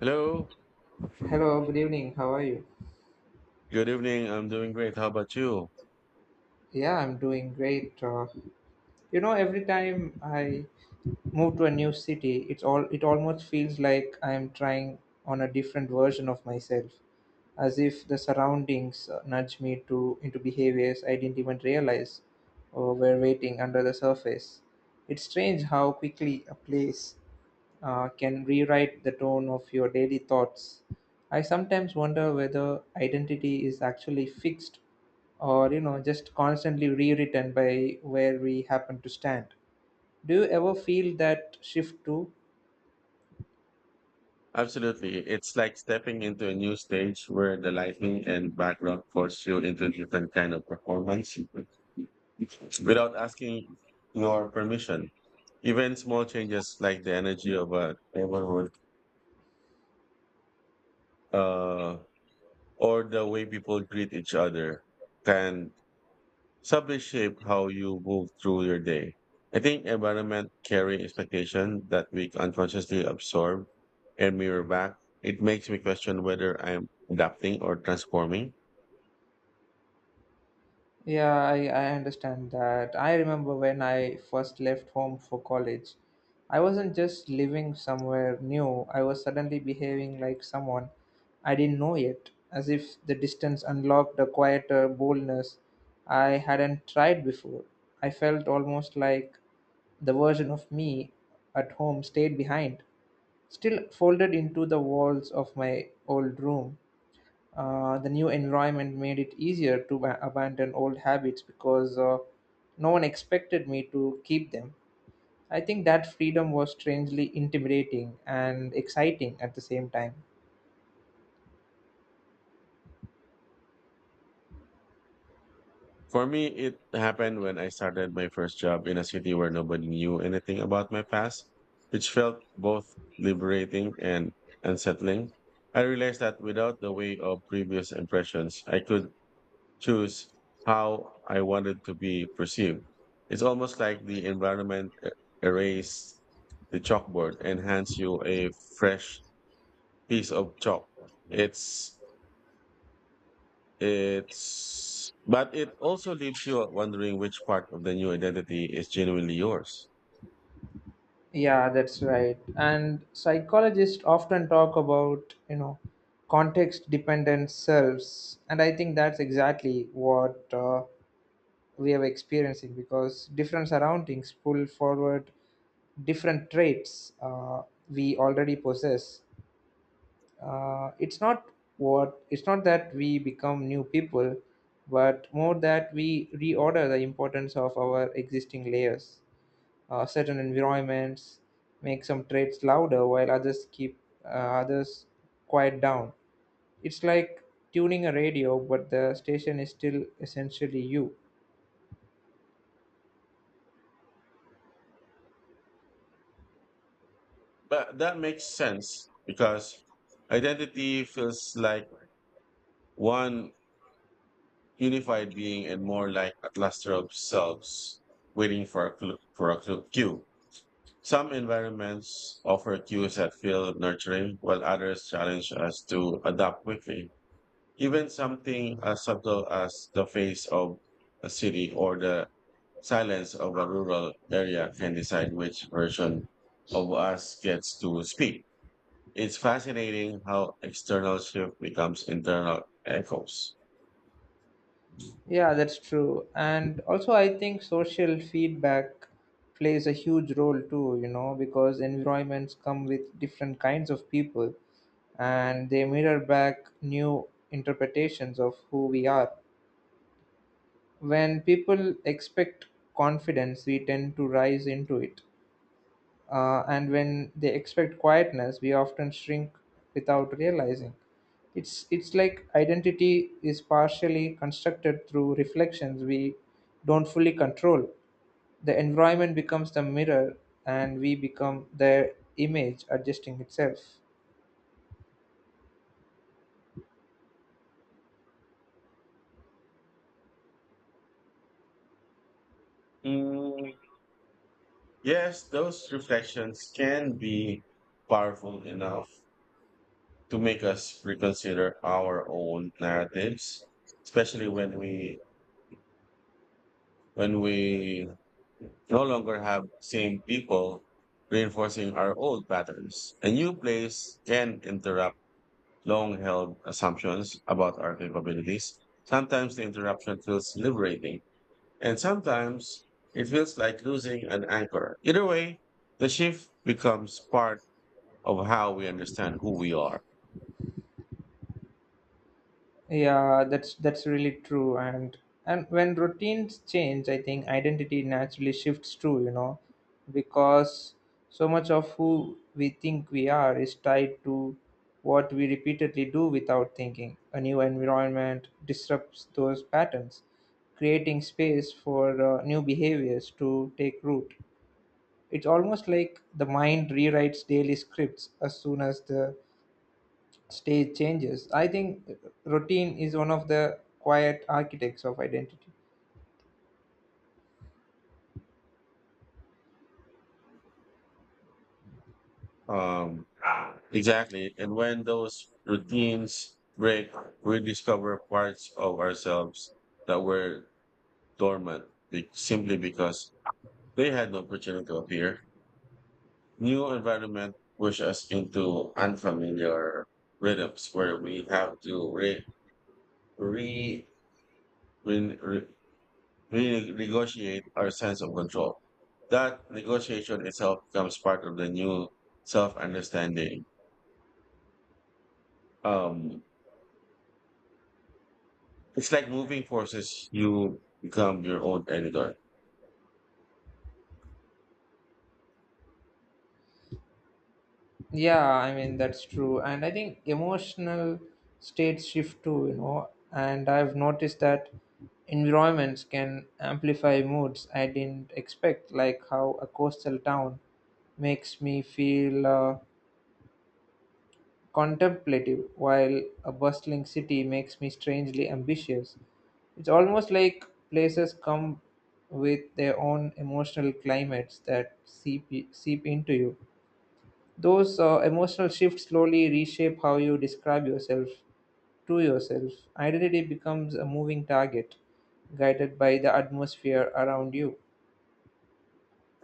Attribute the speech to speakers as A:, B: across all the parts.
A: Hello.
B: Hello, good evening. How are you?
A: Good evening. I'm doing great. How about you?
B: Yeah, I'm doing great. You know, every time I move to a new city, it almost feels like I'm trying on a different version of myself, as if the surroundings nudge me to into behaviors I didn't even realize or were waiting under the surface. It's strange how quickly a place can rewrite the tone of your daily thoughts. I sometimes wonder whether identity is actually fixed or, you know, just constantly rewritten by where we happen to stand. Do you ever feel that shift too?
A: Absolutely. It's like stepping into a new stage where the lighting and background force you into a different kind of performance without asking your permission. Even small changes like the energy of a neighborhood, uh, or the way people greet each other can Subjects shape how you move through your day. I think environment carry expectation that we unconsciously absorb and mirror back. It makes me question whether I'm adapting or transforming.
B: Yeah, I understand that. I remember when I first left home for college, I wasn't just living somewhere new, I was suddenly behaving like someone I didn't know yet, as if the distance unlocked a quieter boldness I hadn't tried before. I felt almost like the version of me at home stayed behind, still folded into the walls of my old room. The new environment made it easier to abandon old habits because no one expected me to keep them. I think that freedom was strangely intimidating and exciting at the same time.
A: For me, it happened when I started my first job in a city where nobody knew anything about my past, which felt both liberating and unsettling. I realized that without the weight of previous impressions, I could choose how I wanted to be perceived. It's almost like the erased the chalkboard and hands you a fresh piece of chalk. It's it's but it also leaves you wondering which part of the new identity is genuinely yours.
B: Yeah, that's right. And psychologists often talk about, you know, context dependent selves. And I think that's exactly what we are experiencing because different surroundings pull forward different traits we already possess. It's not what it's not that we become new people but more that we reorder the importance of our existing layers. Certain environments make some traits louder while others keep uh, others quiet down. It's like tuning a radio, but the station is still essentially you.
A: But that makes sense because identity feels like one unified being and more like a cluster of selves waiting for a clue, cue. Some environments offer cues that feel nurturing, while others challenge us to adapt quickly. Even something as subtle as the face of a city or the silence of a rural area can decide which version of us gets to speak. It's fascinating how external shift becomes internal echoes.
B: Yeah, that's true. And also, I think social feedback plays a huge role too, you know, because environments come with different kinds of people and they mirror back new interpretations of who we are. When people expect confidence, we tend to rise into it, and when they expect quietness, we often shrink without realizing. It's like identity is partially constructed through reflections we don't fully control. The environment becomes the mirror, and we become their image, adjusting itself.
A: Mm, yes, those reflections can be powerful enough to make us reconsider our own narratives, especially when we no longer have same people reinforcing our old patterns. A new place can interrupt long-held assumptions about our capabilities. Sometimes the interruption feels liberating, and sometimes it feels like losing an anchor. Either way, the shift becomes part of how we understand who we are.
B: Yeah, that's really true. And when routines change, I think identity naturally shifts too, you know, because so much of who we think we are is tied to what we repeatedly do without thinking. A new environment disrupts those patterns, creating space for new behaviors to take root. It's almost like the mind rewrites daily scripts as soon as the stage changes. I think routine is one of the quiet architects of identity.
A: Um, exactly. And when those routines break, we discover parts of ourselves that were dormant simply because they had no opportunity to appear. New environment push us into unfamiliar rhythms where we have to re, re, re, renegotiate our sense of control. That negotiation itself becomes part of the new self understanding. Um, it's like moving forces, you become your own editor. I
B: Yeah, I mean that's true, and I think emotional states shift too. You know, and I've noticed that environments can amplify moods I didn't expect, like how a coastal town makes me feel. Contemplative, while a bustling city makes me strangely ambitious. It's almost like places come with their own emotional climates that seep into you. Those emotional shifts slowly reshape how you describe yourself to yourself. Identity becomes a moving target, guided by the atmosphere around you.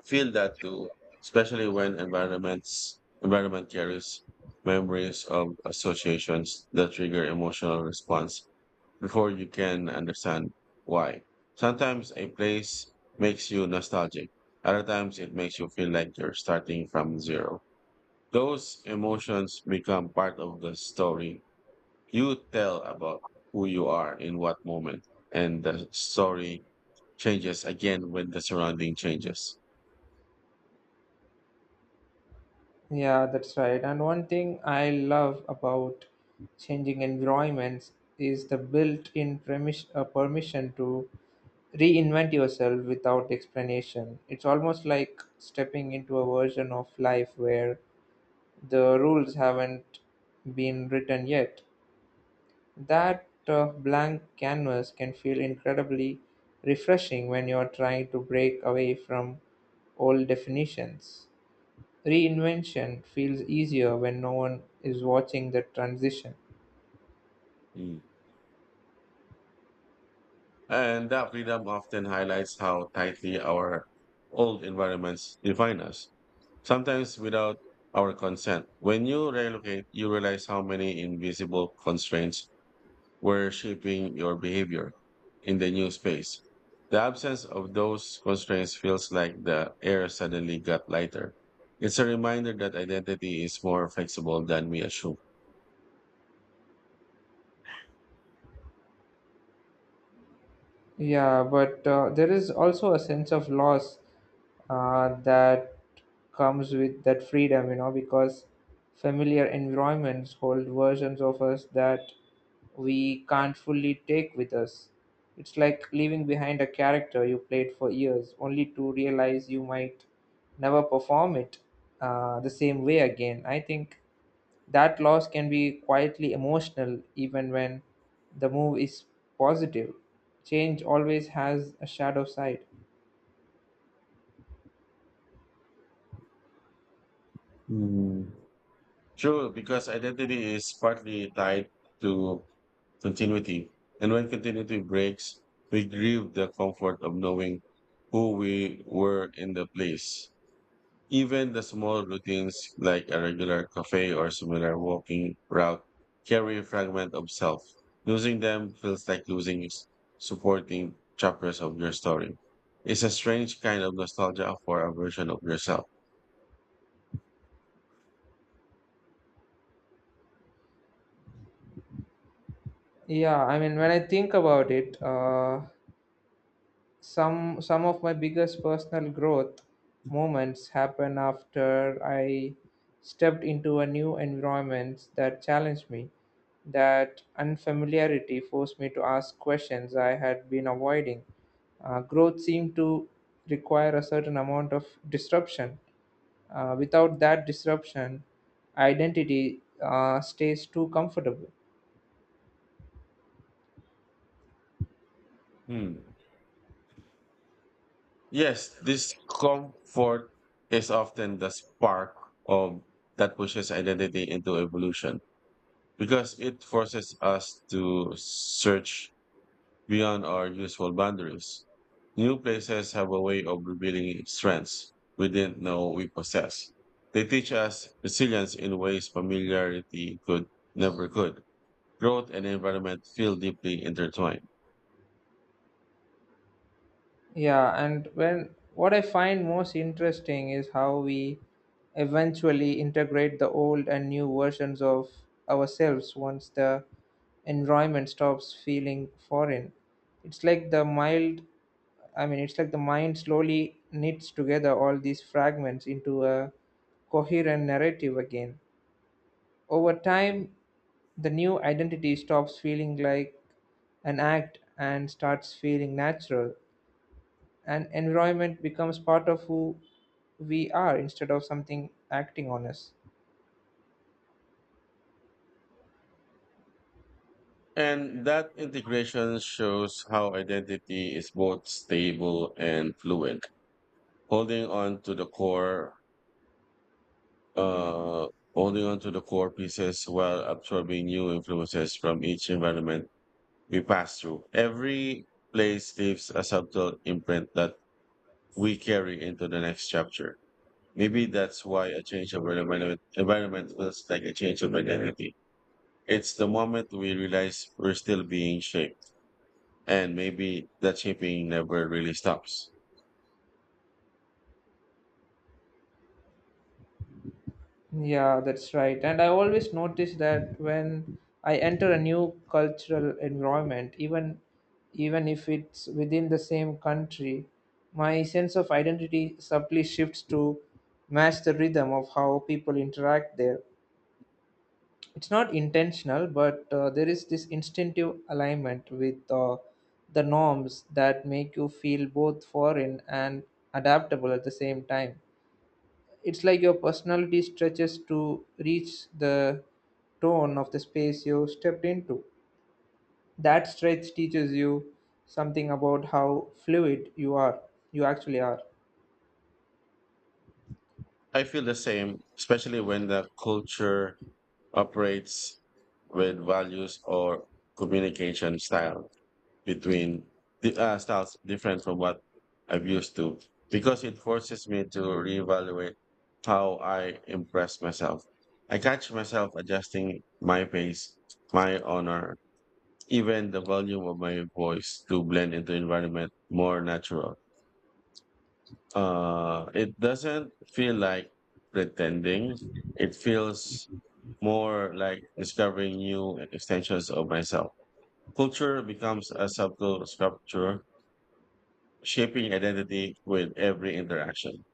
A: feel that too, especially when environment carries memories of associations that trigger emotional response before you can understand why. Sometimes a place makes you nostalgic. Other times it makes you feel like you're starting from zero. Those emotions become part of the story you tell about who you are in what moment. And the story changes again when the surrounding changes.
B: Yeah, that's right. And one thing I love about changing environments is the built-in permission to reinvent yourself without explanation. It's almost like stepping into a version of life where the rules haven't been written yet. That blank canvas can feel incredibly refreshing when you're trying to break away from old definitions. Reinvention feels easier when no one is watching the transition.
A: Mm. And that freedom often highlights how tightly our old environments define us, sometimes without our consent. When you relocate, you realize how many invisible constraints were shaping your behavior in the new space. The absence of those constraints feels like the air suddenly got lighter. It's a reminder that identity is more flexible than we assume.
B: Yeah, but there is also a sense of loss that comes with that freedom, you know, because familiar environments hold versions of us that we can't fully take with us. It's like leaving behind a character you played for years, only to realize you might never perform it the same way again. I think that loss can be quietly emotional even when the move is positive. Change always has a shadow side.
A: Mm. True, because identity is partly tied to continuity. And when continuity breaks, we grieve the comfort of knowing who we were in the place. Even the small routines like a regular cafe or similar walking route carry a fragment of self. Losing them feels like supporting chapters of your story. It's a strange kind of nostalgia for a version of yourself.
B: Yeah, I mean, when I think about it, some of my biggest personal growth moments happen after I stepped into a new environment that challenged me. That unfamiliarity forced me to ask questions I had been avoiding. Growth seemed to require a certain amount of disruption. Without that disruption, identity stays too comfortable.
A: Hmm. Yes, this comfort is often the spark of that pushes identity into evolution because it forces us to search beyond our usual boundaries. New places have a way of revealing strengths we didn't know we possess. They teach us resilience in ways familiarity could never could. Growth and environment feel deeply intertwined.
B: Yeah, and when what I find most interesting is how we eventually integrate the old and new versions of ourselves once the environment stops feeling foreign. It's like the mild, it's like the mind slowly knits together all these fragments into a coherent narrative again. Over time, the new identity stops feeling like an act and starts feeling natural, and environment becomes part of who we are instead of something acting on us.
A: And that integration shows how identity is both stable and fluid, holding on to the core, uh, holding on to the core pieces while absorbing new influences from each environment we pass through. Every place leaves a subtle imprint that we carry into the next chapter. Maybe that's why a change of environment feels like a change of identity. It's the moment we realize we're still being shaped. And maybe the shipping never really stops.
B: Yeah, that's right. And I always notice that when I enter a new cultural environment, even if it's within the same country, my sense of identity subtly shifts to match the rhythm of how people interact there. It's not intentional, but there is this instinctive alignment with the norms that make you feel both foreign and adaptable at the same time. It's like your personality stretches to reach the tone of the space you stepped into. That stretch teaches you something about how fluid you actually are.
A: I feel the same, especially when the culture operates with values or communication style between the styles different from what I've used to, because it forces me to reevaluate how I impress myself. I catch myself adjusting my pace, my honor, even the volume of my voice to blend into environment more natural. It doesn't feel like pretending. It feels more like discovering new extensions of myself. Culture becomes a subtle sculpture, shaping identity with every interaction.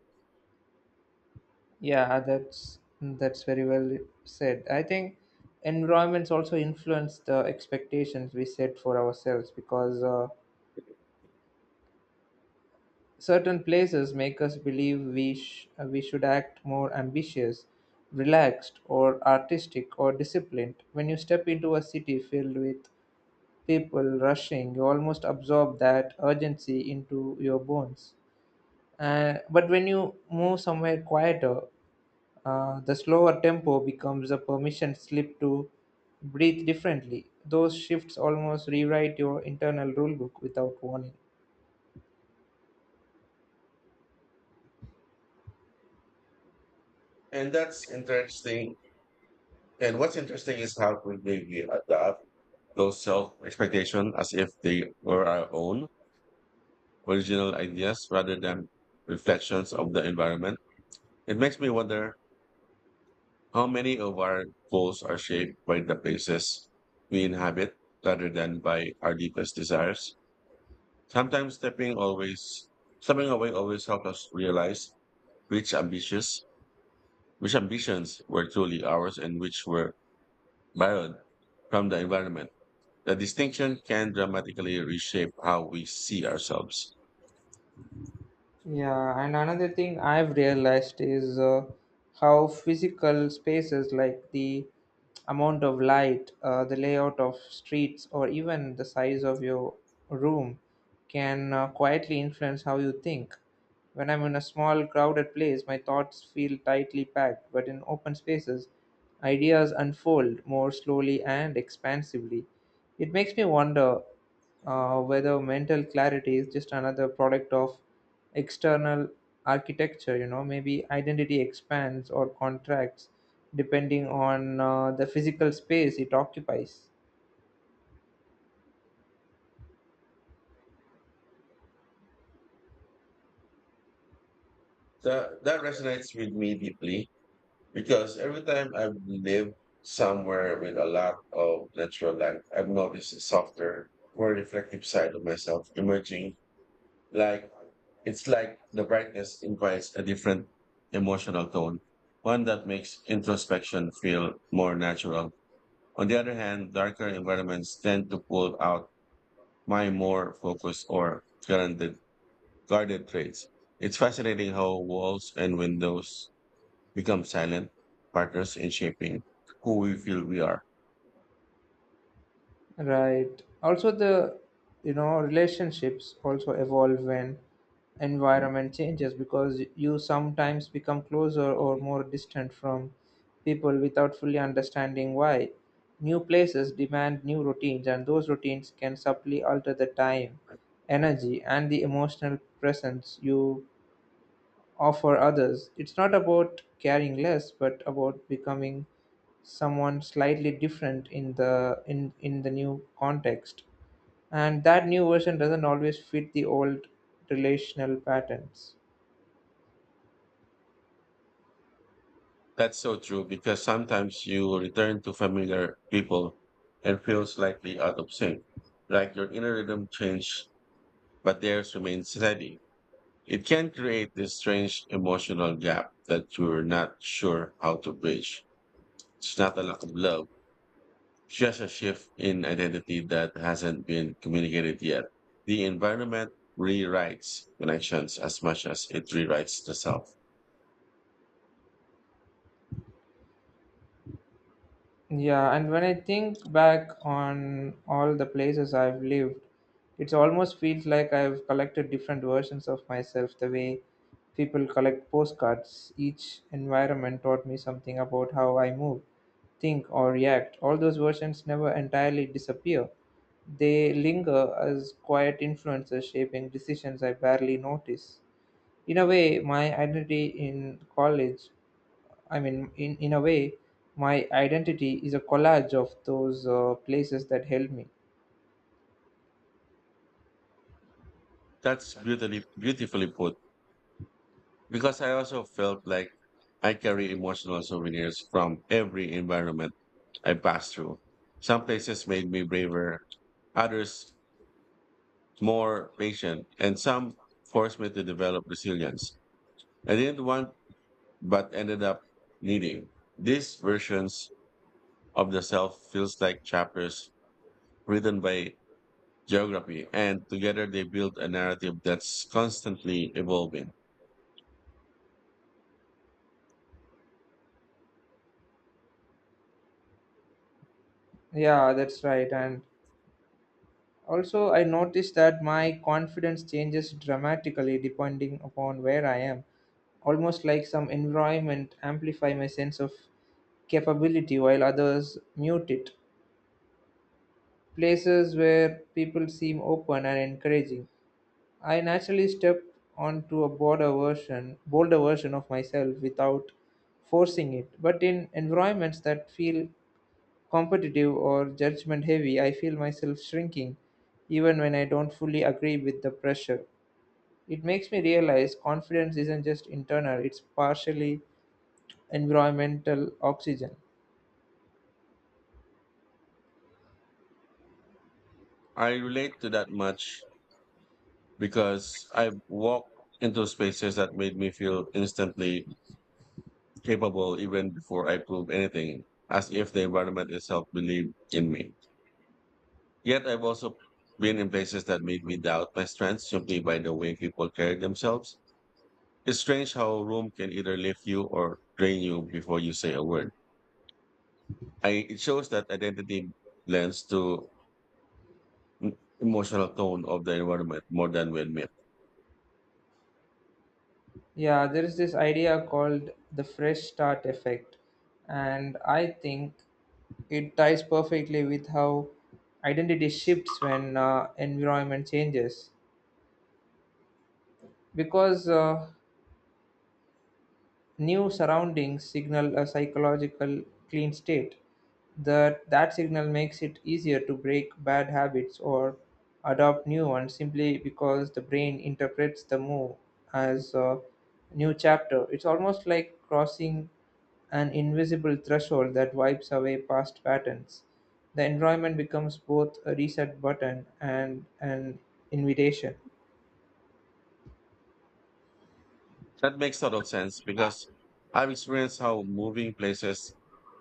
B: Yeah, that's very well said. I think environments also influence the expectations we set for ourselves because certain places make us believe we we should act more ambitious, relaxed, or artistic or disciplined. When you step into a city filled with people rushing, you almost absorb that urgency into your bones. But when you move somewhere quieter, the slower tempo becomes a permission slip to breathe differently. Those shifts almost rewrite your internal rulebook without warning.
A: And that's interesting. And what's interesting is how quickly we adapt those self expectation as if they were our own original ideas rather than reflections of the environment. It makes me wonder how many of our goals are shaped by the places we inhabit rather than by our deepest desires. Sometimes stepping always stepping away always helps us realize which ambitious which ambitions were truly ours and which were borrowed from the environment. The distinction can dramatically reshape how we see ourselves.
B: Yeah, and another thing I've realized is how physical spaces, like the amount of light, the layout of streets, or even the size of your room, can quietly influence how you think. When I'm in a small, crowded place, my thoughts feel tightly packed, but in open spaces, ideas unfold more slowly and expansively. It makes me wonder whether mental clarity is just another product of external architecture. You know, maybe identity expands or contracts depending on the physical space it occupies.
A: That resonates with me deeply because every time I've lived somewhere with a lot of natural light, I've noticed a softer, more reflective side of myself emerging. Like it's like the brightness invites a different emotional tone, one that makes introspection feel more natural. On the other hand, darker environments tend to pull out my more focused or guarded traits. It's fascinating how walls and windows become silent partners in shaping who we feel we are.
B: Right. Also, the you know, relationships also evolve when environment changes because you sometimes become closer or more distant from people without fully understanding why. New places demand new routines, and those routines can subtly alter the time, energy, and the emotional presence you or for others. It's not about caring less, but about becoming someone slightly different in the new context. And that new version doesn't always fit the old relational patterns.
A: That's so true because sometimes you return to familiar people and feel slightly out of sync, like your inner rhythm changed, but theirs remains steady. It can create this strange emotional gap that you're not sure how to bridge. It's not a lack of love, just a shift in identity that hasn't been communicated yet. The environment rewrites connections as much as it rewrites the self.
B: Yeah, and when I think back on all the places I've lived, it almost feels like I've collected different versions of myself the way people collect postcards. Each environment taught me something about how I move, think, or react. All those versions never entirely disappear. They linger as quiet influences shaping decisions I barely notice. In a way my identity in college I mean in a way my identity is a collage of those places that helped me.
A: That's beautifully put. Because I also felt like I carry emotional souvenirs from every environment I passed through. Some places made me braver, others more patient, and some forced me to develop resilience I didn't want but ended up needing. These versions of the self feels like chapters written by geography, and together they build a narrative that's constantly evolving.
B: Yeah, that's right. And also, I noticed that my confidence changes dramatically depending upon where I am, almost like some environment amplify my sense of capability while others mute it. Places where people seem open and encouraging, I naturally stepped onto a bolder version of myself without forcing it. But in environments that feel competitive or judgment heavy, I feel myself shrinking even when I don't fully agree with the pressure. It makes me realize confidence isn't just internal, it's partially environmental oxygen.
A: I relate to that much because I've walked into spaces that made me feel instantly capable even before I proved anything, as if the environment itself believed in me. Yet I've also been in places that made me doubt my strengths simply by the way people carry themselves. It's strange how a room can either lift you or drain you before you say a word. It shows that identity lends to emotional tone of the environment more than we admit.
B: Yeah, there is this idea called the fresh start effect, and I think it ties perfectly with how identity shifts when environment changes. Because new surroundings signal a psychological clean state. That signal makes it easier to break bad habits or adopt new ones simply because the brain interprets the move as a new chapter. It's almost like crossing an invisible threshold that wipes away past patterns. The environment becomes both a reset button and an invitation.
A: That makes total sense because I've experienced how moving places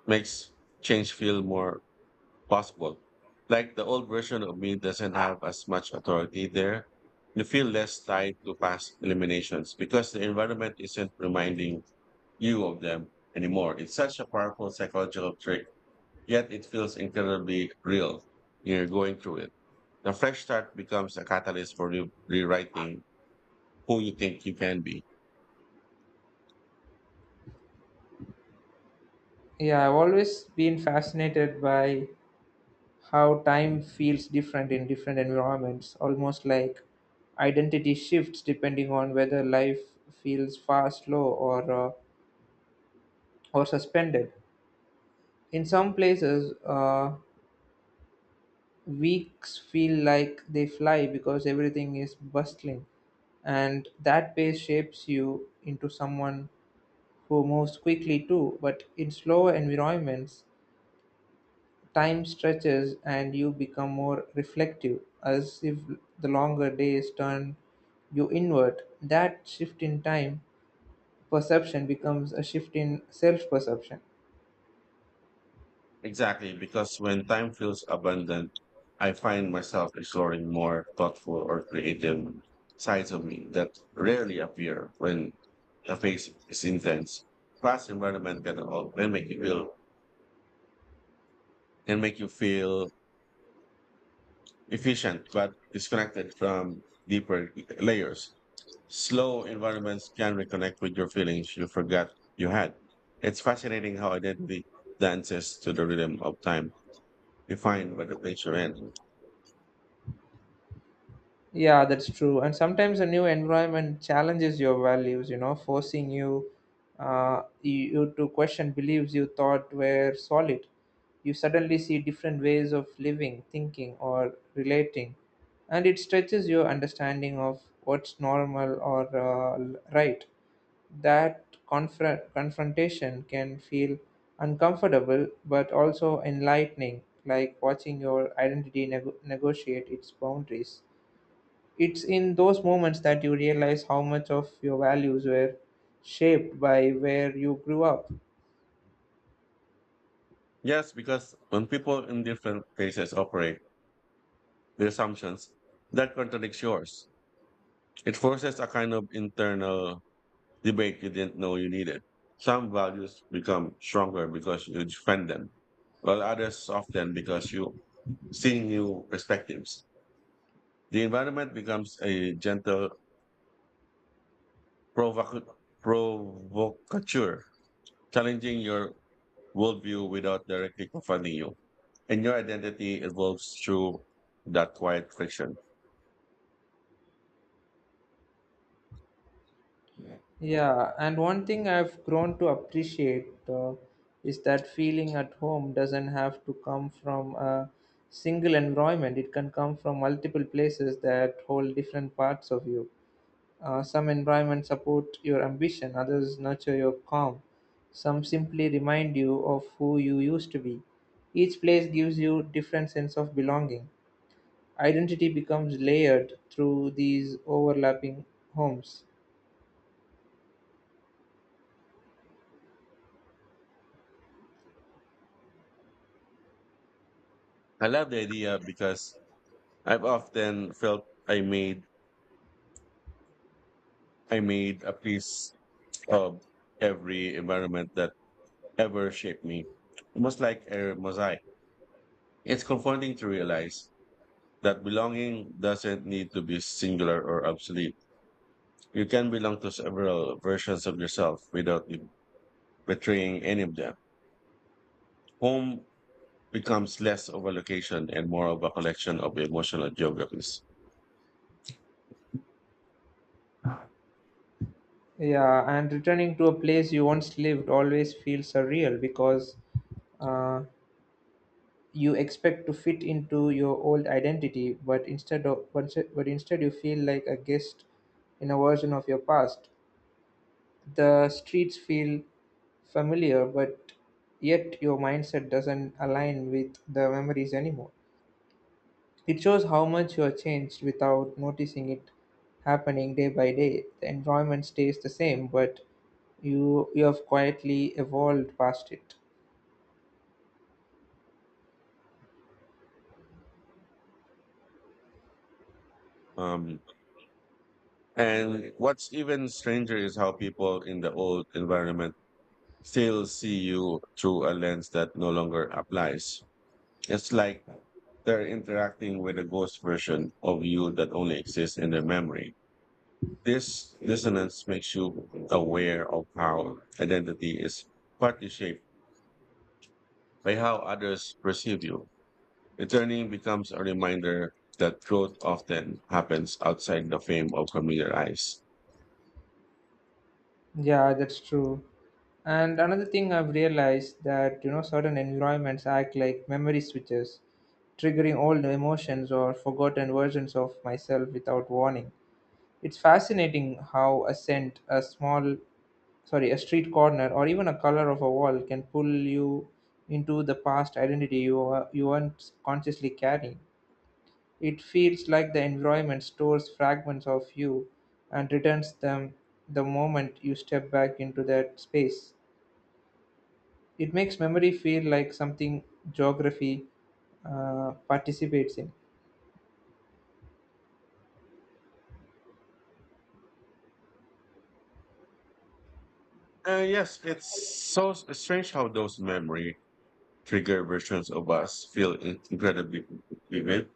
A: makes change feel more possible. Like the old version of me doesn't have as much authority there. You feel less tied to past eliminations because the environment isn't reminding you of them anymore. It's such a powerful psychological trick, yet it feels incredibly real. You're going through it. The fresh start becomes a catalyst for rewriting who you think you can be.
B: Yeah, I've always been fascinated by how time feels different in different environments, almost like identity shifts depending on whether life feels fast, slow, or suspended. In some places, weeks feel like they fly because everything is bustling, and that pace shapes you into someone who moves quickly too. But in slower environments, time stretches and you become more reflective, as if the longer days turn you inward. That shift in time perception becomes a shift in self perception.
A: Exactly, because when time feels abundant, I find myself exploring more thoughtful or creative sides of me that rarely appear when the phase is intense. Class environment can make you feel can make you feel efficient but disconnected from deeper layers. Slow environments can reconnect with your feelings you forgot you had. It's fascinating how identity dances to the rhythm of time, defined by the place you're in.
B: Yeah, that's true. And sometimes a new environment challenges your values, you know, forcing you to question beliefs you thought were solid. You suddenly see different ways of living, thinking, or relating, and it stretches your understanding of what's normal or right. That confrontation can feel uncomfortable but also enlightening, like watching your identity negotiate its boundaries. It's in those moments that you realize how much of your values were shaped by where you grew up.
A: Yes, because when people in different places operate their assumptions, that contradicts yours. It forces a kind of internal debate you didn't know you needed. Some values become stronger because you defend them, while others soften because you see new perspectives. The environment becomes a gentle provoc- provocateur, challenging your worldview without directly confronting you. And your identity evolves through that quiet friction. I
B: Yeah, and one thing I've grown to appreciate is that feeling at home doesn't have to come from a single environment, it can come from multiple places that hold different parts of you. Some environments support your ambition, others nurture your calm, some simply remind you of who you used to be. Each place gives you different sense of belonging. Identity becomes layered through these overlapping homes.
A: love the idea because I've often felt I made a piece of every environment that ever shaped me, almost like a mosaic. It's comforting to realize that belonging doesn't need to be singular or obsolete. You can belong to several versions of yourself without betraying any of them. Home becomes less of a location and more of a collection of emotional geographies.
B: Yeah, and returning to a place you once lived always feels surreal because uh, you expect to fit into your old identity, but instead of but instead you feel like a guest in a version of your past. The streets feel familiar, but yet your mindset doesn't align with the memories anymore. It shows how much you are changed without noticing it happening day by day. The environment stays the same, but you have quietly evolved past it.
A: Um, And what's even stranger is how people in the old environment still see you through a lens that no longer applies. It's like they're interacting with a ghost version of you that only exists in their memory. This dissonance makes you aware of how identity is partly shaped by how others perceive you. Returning becomes a reminder that growth often happens outside the fame of familiar eyes.
B: Yeah, that's true. And another thing I've realized that you know certain environments act like memory switches, triggering old emotions or forgotten versions of myself without warning. It's fascinating how a scent, a small, sorry, a street corner, or even a color of a wall can pull you into the past identity you aren't consciously carrying. It feels like the environment stores fragments of you and returns them the moment you step back into that space. It makes memory feel like something geography participates in.
A: Yes, it's so strange how those memory trigger versions of us feel incredibly vivid,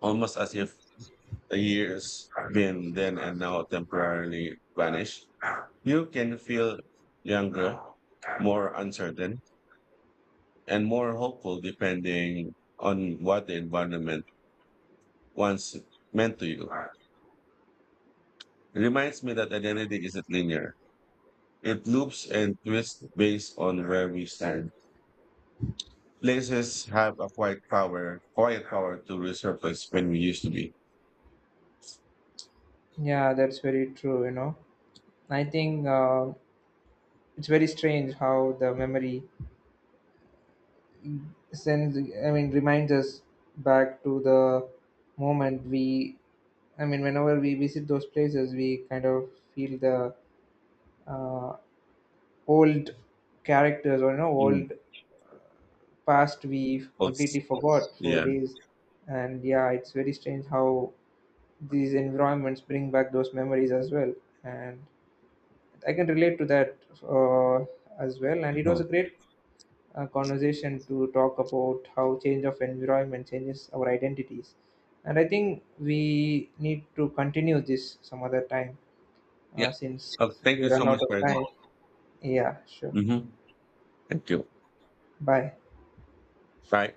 A: almost as if the years been then and now temporarily vanish. You can feel younger, more uncertain, and more hopeful depending on what the environment once meant to you. It reminds me that identity isn't linear. It loops and twists based on where we stand. Places have a quiet power to resurface when we used to be.
B: Yeah, that's very true, you know. I think it's very strange how the memory sends I mean reminds us back to the moment we I mean whenever we visit those places we kind of feel the uh, old characters or, you know,
A: Mm.
B: old past we
A: Pulse.
B: completely forgot for
A: Yeah.
B: days. And yeah, it's very strange how these environments bring back those memories as well, and I can relate to that uh, as well. And it was a great conversation to talk about how change of environment changes our identities, and I think we need to continue this some other time,
A: Yeah.
B: since
A: Oh, thank
B: we
A: you so
B: run out
A: much
B: of
A: for that.
B: time. Yeah, sure.
A: Hmm. Thank you.
B: Bye.
A: Right?